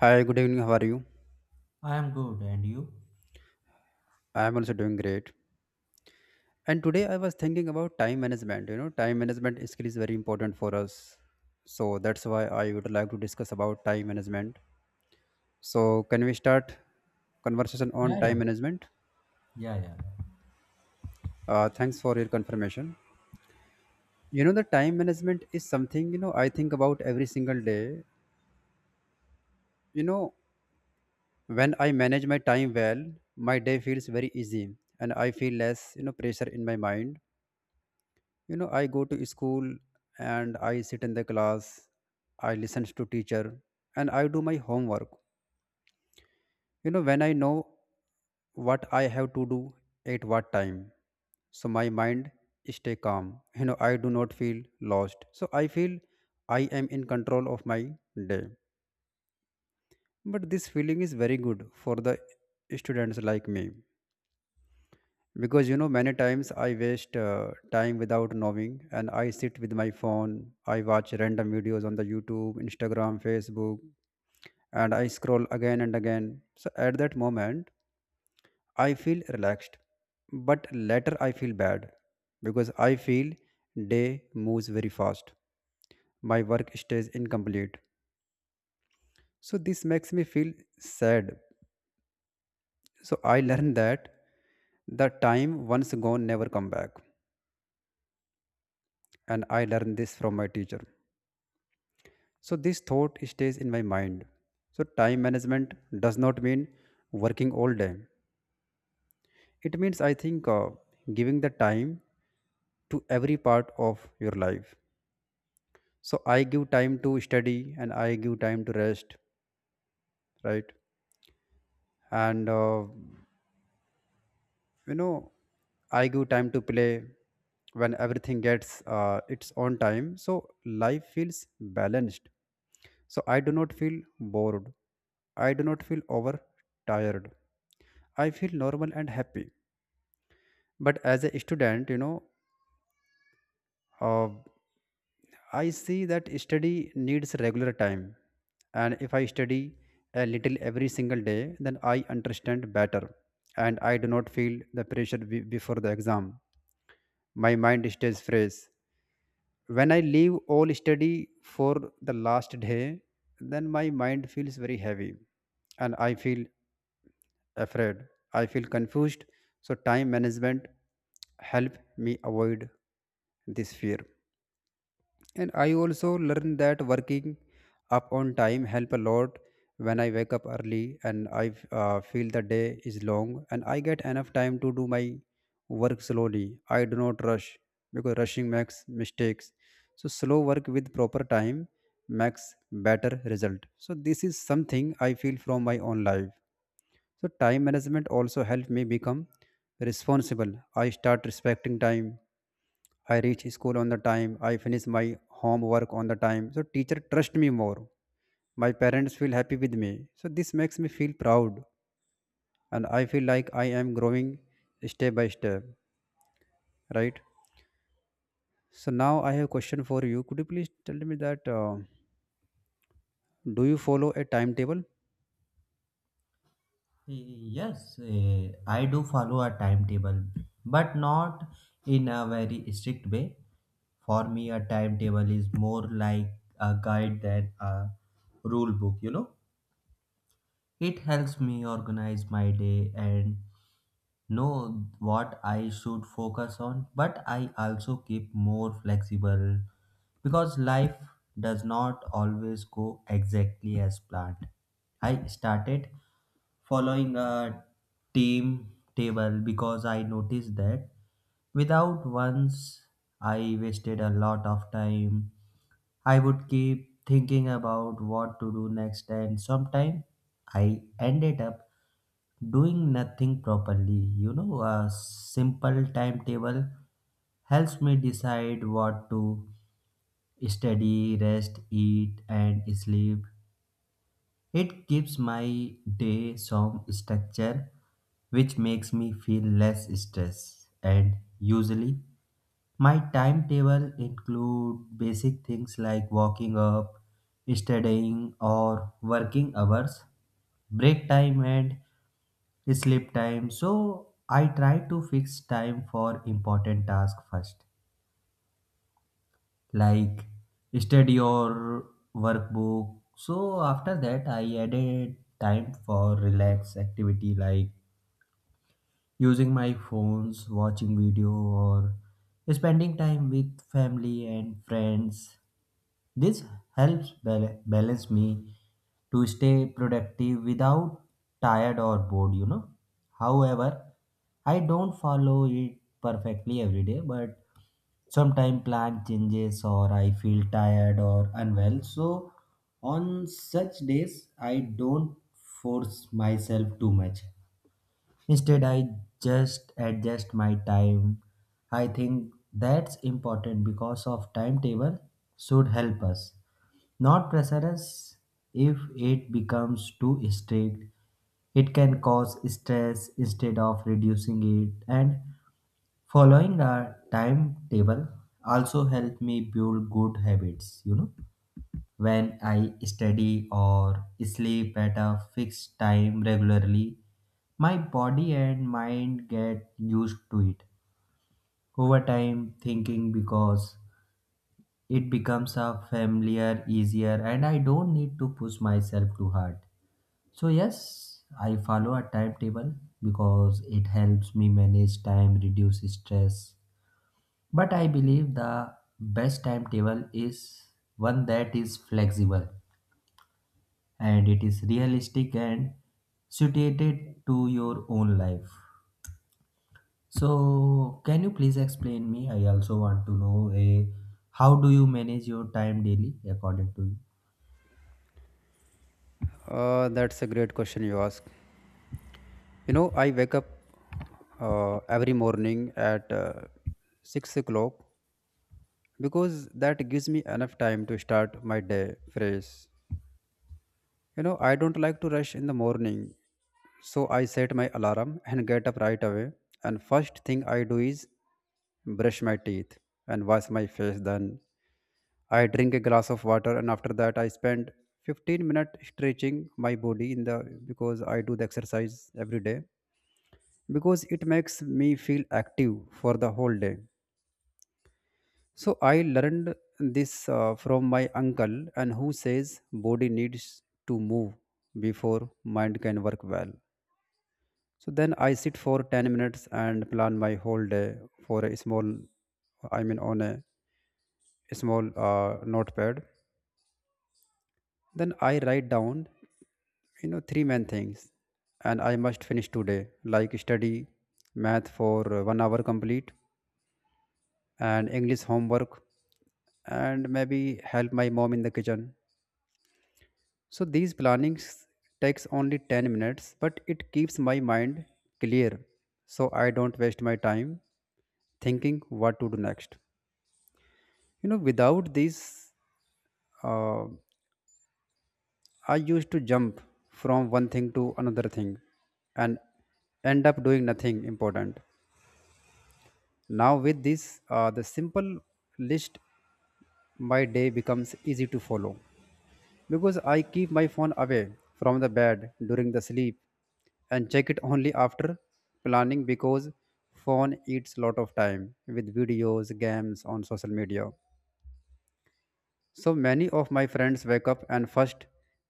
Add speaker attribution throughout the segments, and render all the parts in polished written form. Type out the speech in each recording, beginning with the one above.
Speaker 1: Hi, good evening. How are you?
Speaker 2: I am good, and you?
Speaker 1: I am also doing great. And today I was thinking about time management. Time management skill is very important for us. So that's why I would like to discuss about time management. So can we start conversation on
Speaker 2: Yeah, yeah.
Speaker 1: time management?
Speaker 2: Yeah, yeah.
Speaker 1: Thanks for your confirmation. The time management is something I think about every single day. You know, when I manage my time well, my day feels very easy, and I feel less pressure in my mind. I go to school and I sit in the class. I listen to teacher and I do my homework. When I know what I have to do at what time, so my mind stay calm. I do not feel lost, so I feel I am in control of my day. But this feeling is very good for the students like me, because many times I waste time without knowing, and I sit with my phone. I watch random videos on the YouTube, Instagram, Facebook, and I scroll again and again. So at that moment I feel relaxed, but later I feel bad, because I feel day moves very fast, my work stays incomplete. So this makes me feel sad. So I learned that the time once gone never come back, and I learned this from my teacher. So this thought stays in my mind. So time management does not mean working all day. It means I think giving the time to every part of your life. So I give time to study and I give time to rest, right? And you know, I give time to play when everything gets its own time. So life feels balanced. So I do not feel bored. I do not feel overtired. I feel normal and happy. But as a student, uh, I see that study needs regular time. And if I study a little every single day, then I understand better. And I do not feel the pressure before the exam. My mind stays fresh. When I leave all study for the last day, then my mind feels very heavy, and I feel afraid. I feel confused. So time management help me avoid this fear. And I also learned that working up on time help a lot. When I wake up early and I feel the day is long and I get enough time to do my work slowly, I do not rush, because rushing makes mistakes. So slow work with proper time makes better result. So this is something I feel from my own life. So time management also helped me become responsible. I start respecting time. I reach school on the time. I finish my homework on the time. So teacher trust me more. My parents feel happy with me. So this makes me feel proud, and I feel like I am growing step by step, right? So now I have a question for you. Could you please tell me that do you follow a timetable?
Speaker 2: Yes, I do follow a timetable, but not in a very strict way. For me, a timetable is more like a guide than a rule book, you know? It helps me organize my day and know what I should focus on, but I also keep more flexible because life does not always go exactly as planned. I started following a team table because I noticed that without once I wasted a lot of time. I would keep thinking about what to do next, and sometimes I ended up doing nothing properly. You know, a simple timetable helps me decide what to study, rest, eat and sleep. It gives my day some structure, which makes me feel less stress. And usually my timetable include basic things like waking up, studying or working hours, break time and sleep time. So I try to fix time for important task first, like study or workbook. So after that I added time for relax activity like using my phones, watching video or spending time with family and friends. This helps balance me to stay productive without tired or bored, you know. However, I don't follow it perfectly every day, but sometimes plan changes or I feel tired or unwell. So on such days, I don't force myself too much. Instead, I just adjust my time. I think that's important because of timetable should help us, not pressure us. If it becomes too strict, it can cause stress instead of reducing it. And following a timetable also help me build good habits, you know, when I study or sleep at a fixed time regularly, my body and mind get used to it. Over time, thinking because it becomes a familiar, easier, and I don't need to push myself too hard. So, yes, I follow a timetable because it helps me manage time, reduce stress. But I believe the best timetable is one that is flexible and it is realistic and suited to your own life. So, can you please explain me? I also want to know a, how do you manage your time daily according to you?
Speaker 1: That's a great question you ask. I wake up every morning at 6 o'clock, because that gives me enough time to start my day fresh. I don't like to rush in the morning, so I set my alarm and get up right away. And first thing I do is brush my teeth and wash my face, then I drink a glass of water, and after that I spend 15 minutes stretching my body in the, because I do the exercise every day, because it makes me feel active for the whole day. So I learned this from my uncle, and who says body needs to move before mind can work well. So then I sit for 10 minutes and plan my whole day for a small I mean on a small notepad. Then I write down, three main things and I must finish today, like study math for one hour complete and English homework and maybe help my mom in the kitchen. So these plannings takes only 10 minutes, but it keeps my mind clear, so I don't waste my time thinking what to do next. Without these uh, I used to jump from one thing to another thing and end up doing nothing important. Now, with this, the simple list, my day becomes easy to follow, because I keep my phone away from the bed during the sleep and check it only after planning, because phone eats lot of time with videos, games on social media. So many of my friends wake up, and first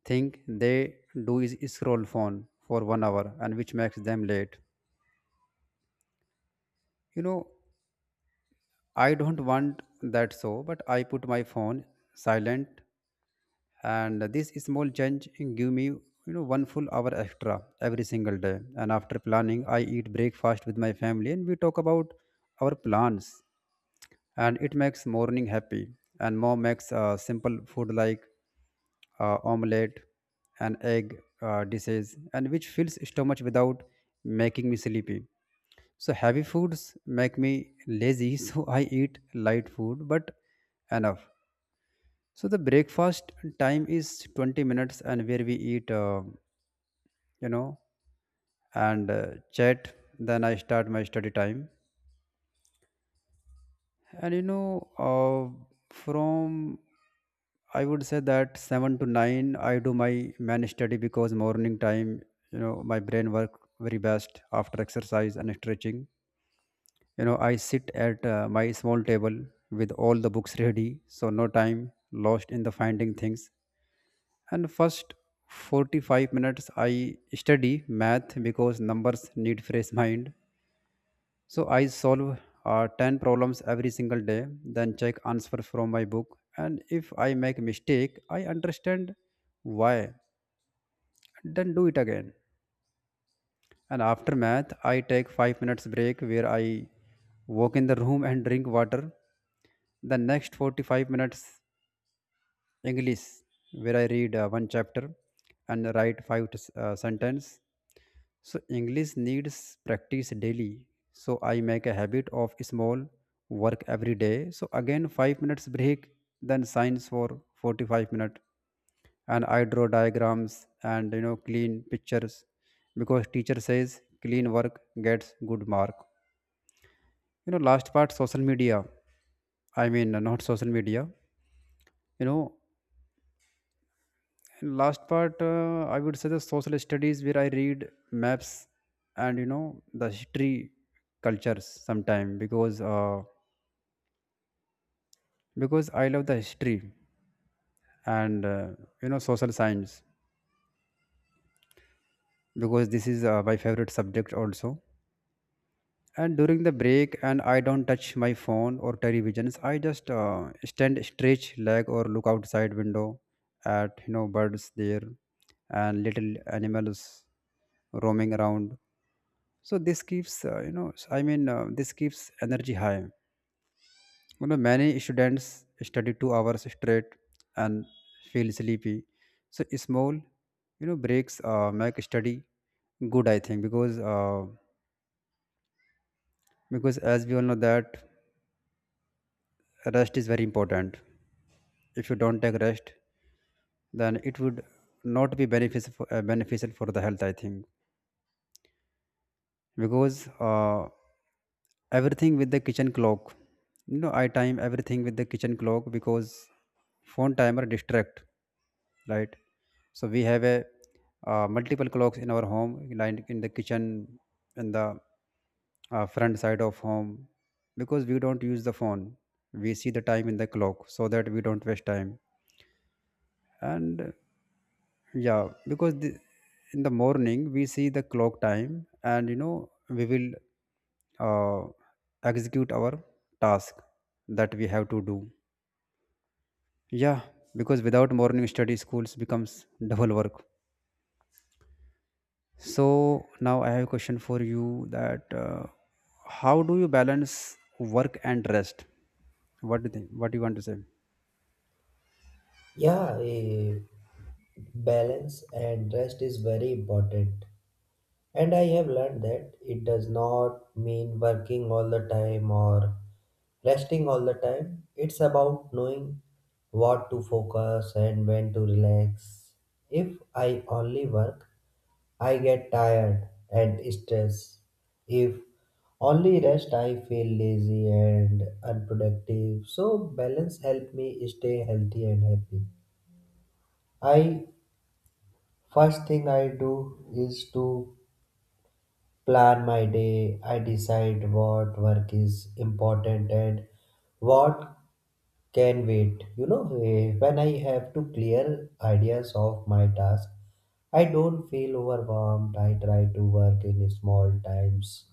Speaker 1: thing they do is scroll phone for one hour, and which makes them late. You know, I don't want that, so but I put my phone silent, and this small change give me one full hour extra every single day. And after planning I eat breakfast with my family, and we talk about our plans, and it makes morning happy. And mom makes simple food like omelette and egg dishes, and which fills stomach without making me sleepy. So heavy foods make me lazy so I eat light food but enough. So the breakfast time is 20 minutes, and where we eat you know and chat, then I start my study time. And you know, from I would say that seven to nine, I do my man study, because morning time, my brain work very best after exercise and stretching. I sit at my small table with all the books ready, so no time lost in the finding things. And first 45 minutes, I study math, because numbers need fresh mind, so I solve 10 problems every single day, then check answer from my book. And if I make mistake, I understand why, then do it again. And after math, I take 5 minutes break, where I walk in the room and drink water. The next 45 minutes English, where I read one chapter and write five to sentence. So English needs practice daily. So I make a habit of small work every day. So again 5 minutes break, then science for 45 minutes, and I draw diagrams and clean pictures, because teacher says clean work gets good mark. Last part, social media. I mean, not social media. You know And last part, I would say the social studies, where I read maps and the history, cultures sometime, because because I love the history, and social science, because this is my favorite subject also. And during the break, and I don't touch my phone or televisions. I just stand, stretch leg, or look outside window at birds there and little animals roaming around. So this keeps energy high. Many students study 2 hours straight and feel sleepy. So small, breaks make study good. I think because as we all know that rest is very important. If you don't take rest, then it would not be beneficial beneficial for the health. I think because everything with the kitchen clock you know I time everything with the kitchen clock, because phone timer distract, right? So we have a multiple clocks in our home, like in the kitchen, in the front side of home, because we don't use the phone, we see the time in the clock, so that we don't waste time. And yeah, in the morning we see the clock time, and we will uh, execute our task that we have to do, yeah, because without morning study schools becomes double work. So now I have a question for you, that how do you balance work and rest? What do you think? What do you want to say?
Speaker 2: Yeah, balance and rest is very important. And I have learned that it does not mean working all the time or resting all the time. It's about knowing what to focus and when to relax. If I only work, I get tired and stressed. If only rest, I feel lazy and unproductive. So balance helps me stay healthy and happy. I first thing I do is to plan my day. I decide what work is important and what can wait. You know, when I have to clear ideas of my task, I don't feel overwhelmed. I try to work in small times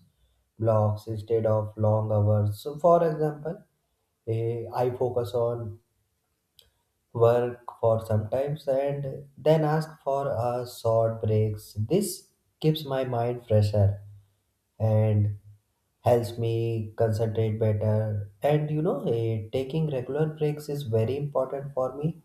Speaker 2: blocks instead of long hours. So, for example, I focus on work for sometimes and then ask for a short breaks. This keeps my mind fresher and helps me concentrate better. And you know, taking regular breaks is very important for me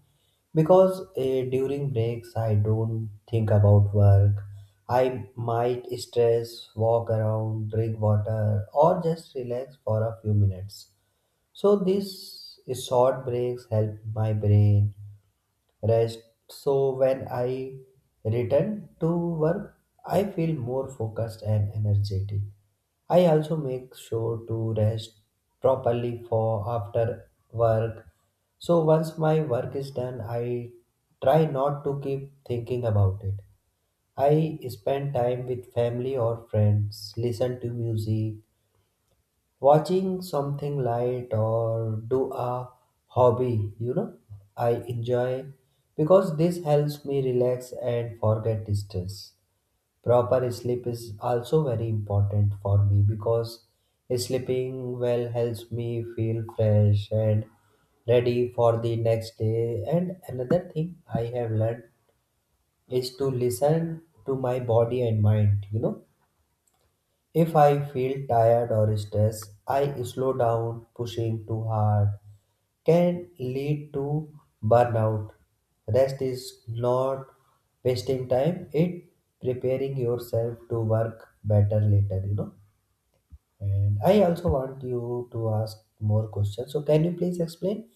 Speaker 2: because, during breaks I don't think about work. I might stress, walk around, drink water or just relax for a few minutes. So these short breaks help my brain rest. So when I return to work, I feel more focused and energetic. I also make sure to rest properly for after work. So once my work is done, I try not to keep thinking about it. I spend time with family or friends, listen to music, watching something light or do a hobby, you know, I enjoy, because this helps me relax and forget stress. Proper sleep is also very important for me because sleeping well helps me feel fresh and ready for the next day. And another thing I have learned is to listen to my body and mind, you know, if I feel tired or stressed, I slow down. Pushing too hard can lead to burnout. Rest is not wasting time, it preparing yourself to work better later, you know. And I also want you to ask more questions. So can you please explain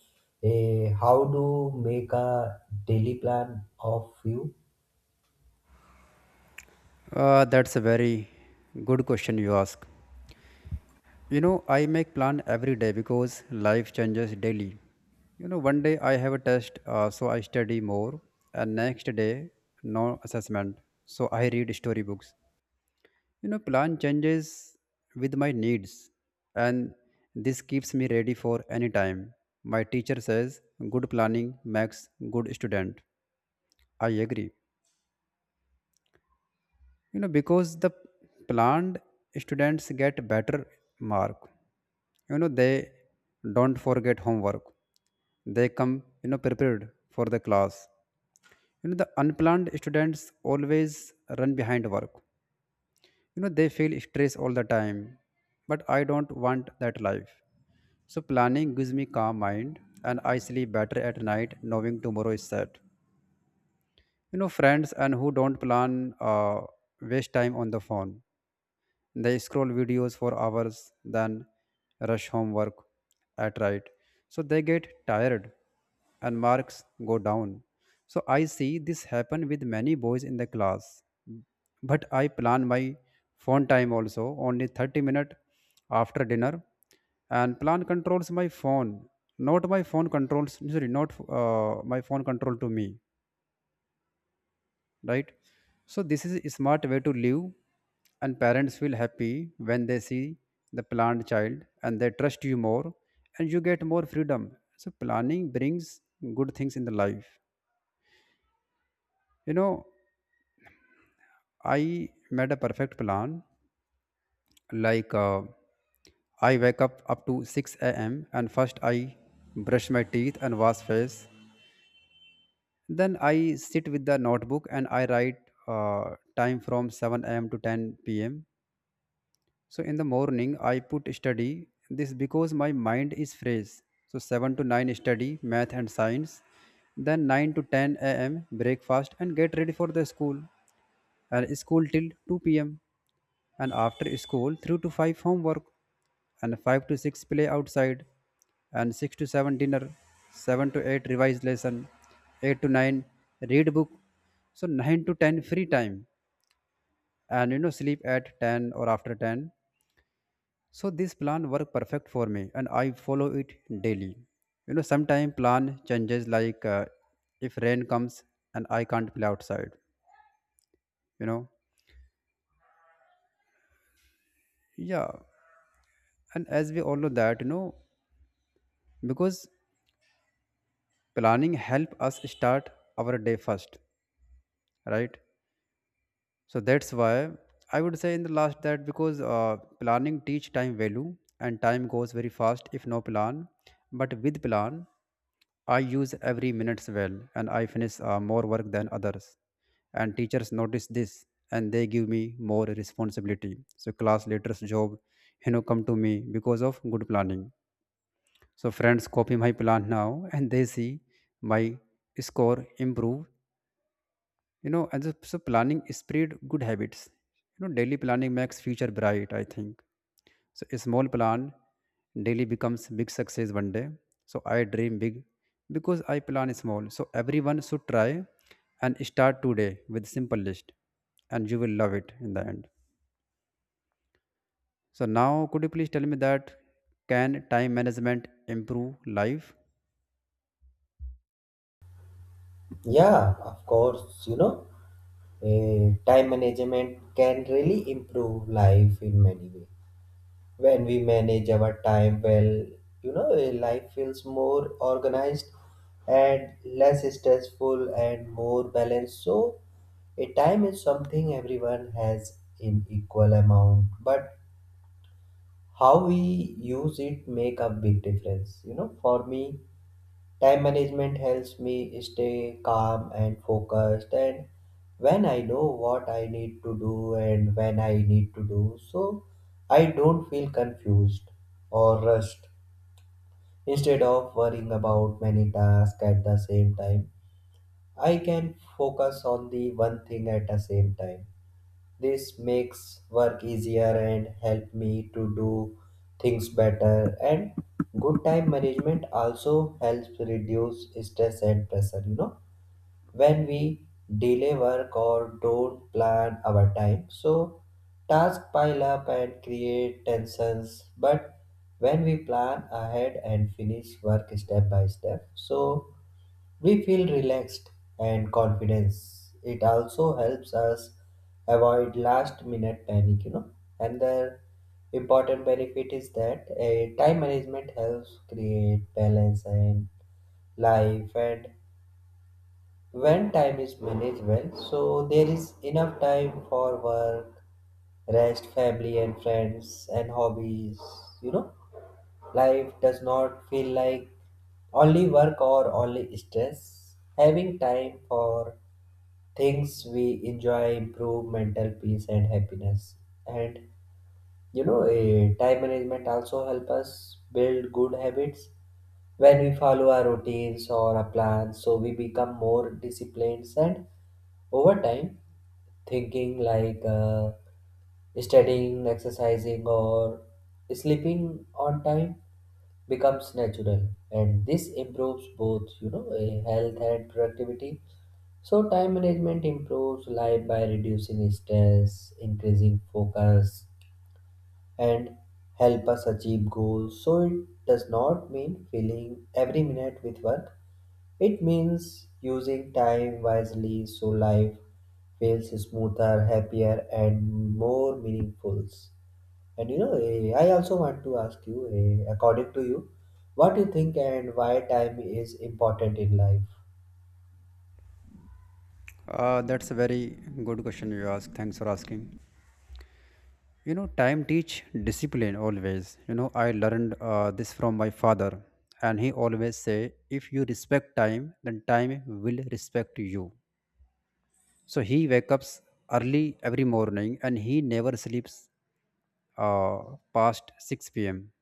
Speaker 2: how to make a daily plan of you?
Speaker 1: That's a very good question you ask. I make plan every day, because life changes daily. One day I have a test, so I study more, and next day no assessment, so I read storybooks. Plan changes with my needs, and this keeps me ready for any time. My teacher says good planning makes good student. I agree. Because the planned students get better mark, they don't forget homework. They come, prepared for the class. The unplanned students always run behind work. They feel stress all the time, but I don't want that life. So planning gives me calm mind, and I sleep better at night knowing tomorrow is set. Friends and who don't plan uh, waste time on the phone. They scroll videos for hours, then rush homework at right. So they get tired and marks go down. So I see this happen with many boys in the class. But I plan my phone time also only 30 minutes after dinner, and plan controls my phone, not my phone controls, sorry, not my phone control to me, right? So this is a smart way to live, and parents feel happy when they see the planned child, and they trust you more, and you get more freedom. So planning brings good things in the life. you know I made a perfect plan, like I wake up up to 6 a.m, and first I brush my teeth and wash face. Then I sit with the notebook, and I write time from 7 a.m to 10 p.m. So in the morning, I put study this because my mind is fresh. So 7 to 9 study math and science. Then 9 to 10 a.m. breakfast and get ready for the school. And school till 2 p.m. And after school, 3 to 5 homework. And 5 to 6 play outside. And 6 to 7 dinner. 7 to 8 revise lesson. 8 to 9 read book. So 9 to 10 free time. And sleep at 10 or after 10. So this plan worked perfect for me, and I follow it daily. You know, sometimes plan changes, like if rain comes and I can't play outside, you know. Yeah. And as we all know that, you know, because planning help us start our day first, right? So that's why I would say in the last that, because planning teach time value, and time goes very fast if no plan. But with plan, I use every minutes well, and I finish more work than others. And teachers notice this, and they give me more responsibility. So class leaders job, come to me because of good planning. So friends copy my plan now, and they see my score improve. And so planning spread good habits. Daily planning makes future bright, I think. So a small plan daily becomes big success one day. So I dream big because I plan small. So everyone should try, and start today with simple list, and you will love it in the end. So now, could you please tell me that can time management improve life?
Speaker 2: Yeah, of course, you know. Time management can really improve life in many ways. When we manage our time well, you know, life feels more organized and less stressful and more balanced. So, a time is something everyone has in equal amount, but how we use it make a big difference. You know, for me, time management helps me stay calm and focused. And when I know what I need to do and when I need to do so, I don't feel confused or rushed. Instead of worrying about many tasks at the same time, I can focus on the one thing at the same time. This makes work easier and help me to do things better. And good time management also helps reduce stress and pressure, you know, when we delay work or don't plan our time. So tasks pile up and create tensions. But when we plan ahead and finish work step by step, so we feel relaxed and confident. It also helps us avoid last minute panic, you know. And the important benefit is that a time management helps create balance and life. And when time is managed well, so there is enough time for work, rest, family and friends and hobbies, you know. Life does not feel like only work or only stress. Having time for things we enjoy improve mental peace and happiness. And you know, time management also help us build good habits. When we follow our routines or a plan, so we become more disciplined. And over time, thinking like studying, exercising, or sleeping on time becomes natural. And this improves both, you know, health and productivity. So time management improves life by reducing stress, increasing focus and help us achieve goals. So it does not mean filling every minute with work. It means using time wisely so life feels smoother, happier and more meaningful. And you know, I also want to ask you, according to you, what you think, and why time is important in life?
Speaker 1: That's a very good question you ask. Thanks for asking. Time teach discipline always. I learned this from my father, and he always say, if you respect time then time will respect you. So he wakes up early every morning, and he never sleeps uh, past 6 p.m.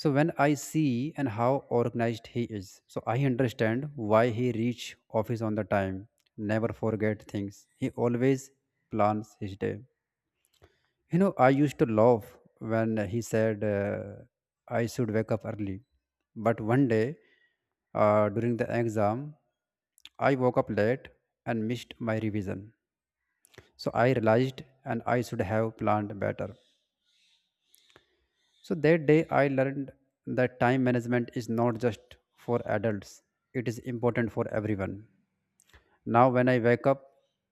Speaker 1: So when I see and how organized he is, so I understand why he reach office on the time, never forget things, he always plans his day. You know, I used to laugh when he said I should wake up early. But one day during the exam, I woke up late and missed my revision. So I realized and I should have planned better. So that day I learned that time management is not just for adults, it is important for everyone. Now, when I wake up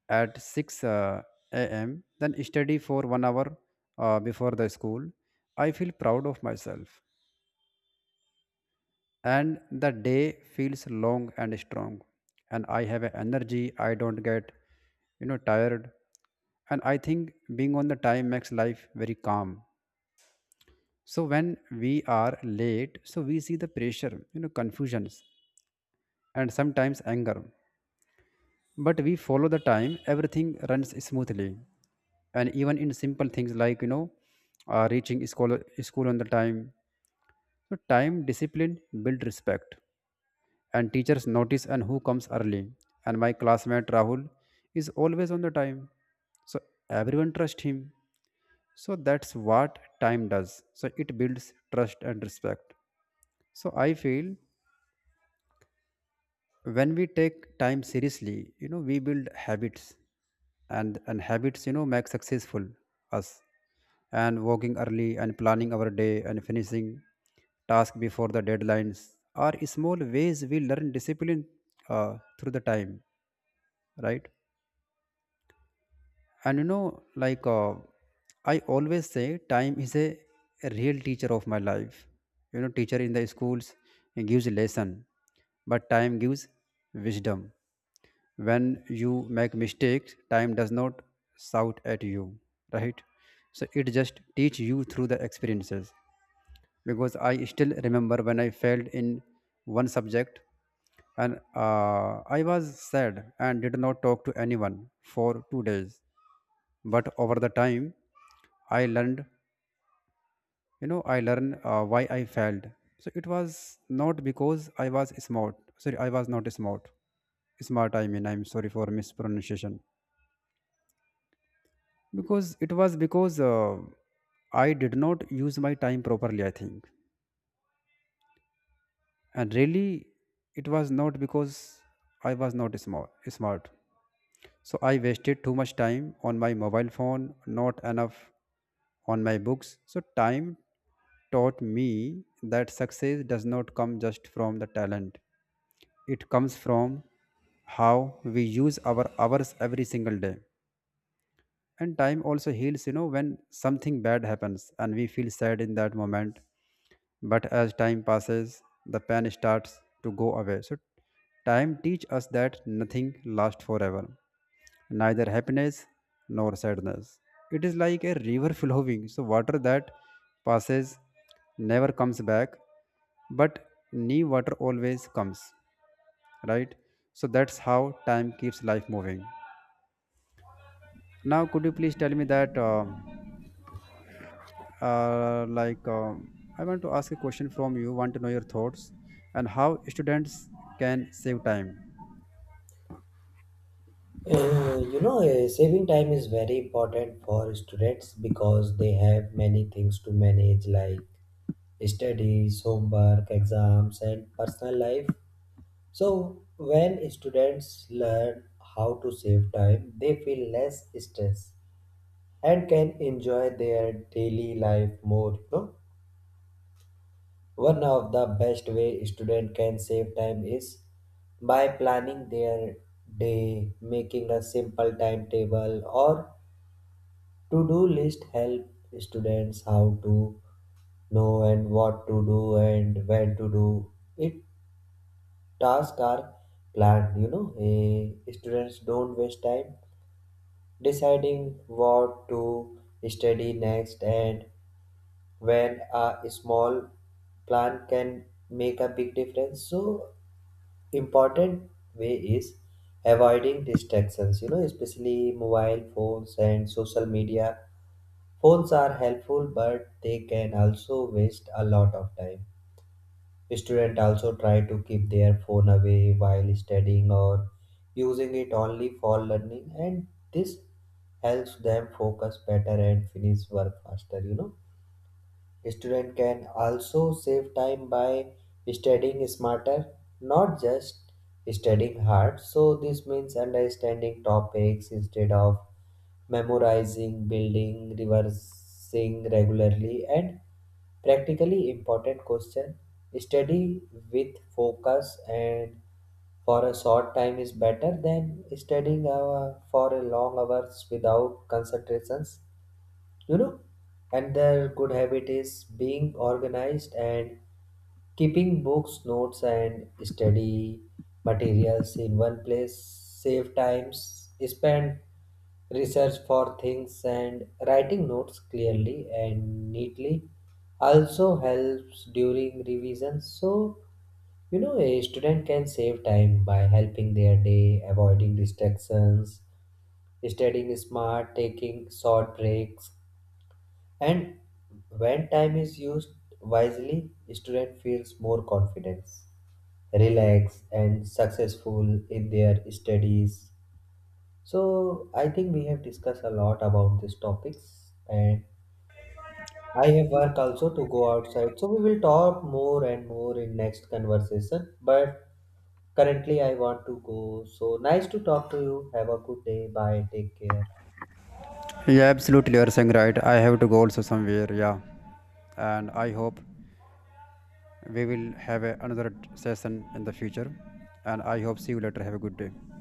Speaker 1: at 6 a.m., then study for one hour before the school, I feel proud of myself. And the day feels long and strong. And I have a energy, I don't get, you know, tired. And I think being on the time makes life very calm. So when we are late, so we see the pressure, you know, confusions and sometimes anger. But we follow the time everything runs smoothly. And even in simple things like, reaching school, school on the time, so time discipline build respect. And teachers notice and who comes early. And my classmate Rahul is always on the time, so everyone trust him. So that's what time does, so it builds trust and respect. So I feel when we take time seriously, we build habits. And habits, you know, make successful us. And walking early and planning our day and finishing task before the deadlines are small ways we learn discipline through the time, right? And like I always say time is a real teacher of my life. Teacher in the schools gives lesson, but time gives wisdom. When you make mistakes, time does not shout at you, right? So it just teach you through the experiences. Because I still remember when I failed in one subject and I was sad and did not talk to anyone for 2 days. But over the time I learned, I learned why I failed. So it was not because I was smart, sorry, I was not smart. I mean, I'm sorry for mispronunciation, because it was because I did not use my time properly, I think. And really, it was not because I was not smart. So I wasted too much time on my mobile phone, not enough on my books. So time taught me that success does not come just from the talent, it comes from how we use our hours every single day. And time also heals, you know, when something bad happens and we feel sad in that moment. But as time passes, the pain starts to go away. So time teaches us that nothing lasts forever, neither happiness nor sadness. It is like a river flowing. So water that passes never comes back, but new water always comes, right? So that's how time keeps life moving. Now, could you please tell me that? Like, I want to ask a question from you. Want to know your thoughts and how students can save time.
Speaker 2: You know, saving time is very important for students because they have many things to manage like studies, homework, exams, and personal life. So, when students learn how to save time, they feel less stress and can enjoy their daily life more, you know. One of the best way student can save time is by planning their day. Making a simple timetable or to-do list help students how to know and what to do and when to do it. Tasks are planned, you know. Students don't waste time deciding what to study next. And when a small plan can make a big difference. So important way is avoiding distractions, you know, especially mobile phones and social media. Phones are helpful but they can also waste a lot of time. Student also try to keep their phone away while studying or using it only for learning. And this helps them focus better and finish work faster, you know. Student can also save time by studying smarter, not just studying hard. So this means understanding topics instead of memorizing, building, reversing regularly, and practically important question. Study with focus and for a short time is better than studying for a long hours without concentrations, you know. Another good habit is being organized and keeping books, notes and study materials in one place. Save times spend research for things and writing notes clearly and neatly also helps during revision. So you know, a student can save time by helping their day, avoiding distractions, studying smart, taking short breaks. And when time is used wisely, student feels more confidence, relaxed, and successful in their studies. So I think we have discussed a lot about these topics, and I have work also to go outside. So we will talk more and more in next conversation. But currently, I want to go. So nice to talk to you. Have a good day. Bye. Take care.
Speaker 1: Yeah, absolutely. You're saying right. I have to go also somewhere. Yeah, and I hope we will have a, another session in the future. And I hope see you later. Have a good day.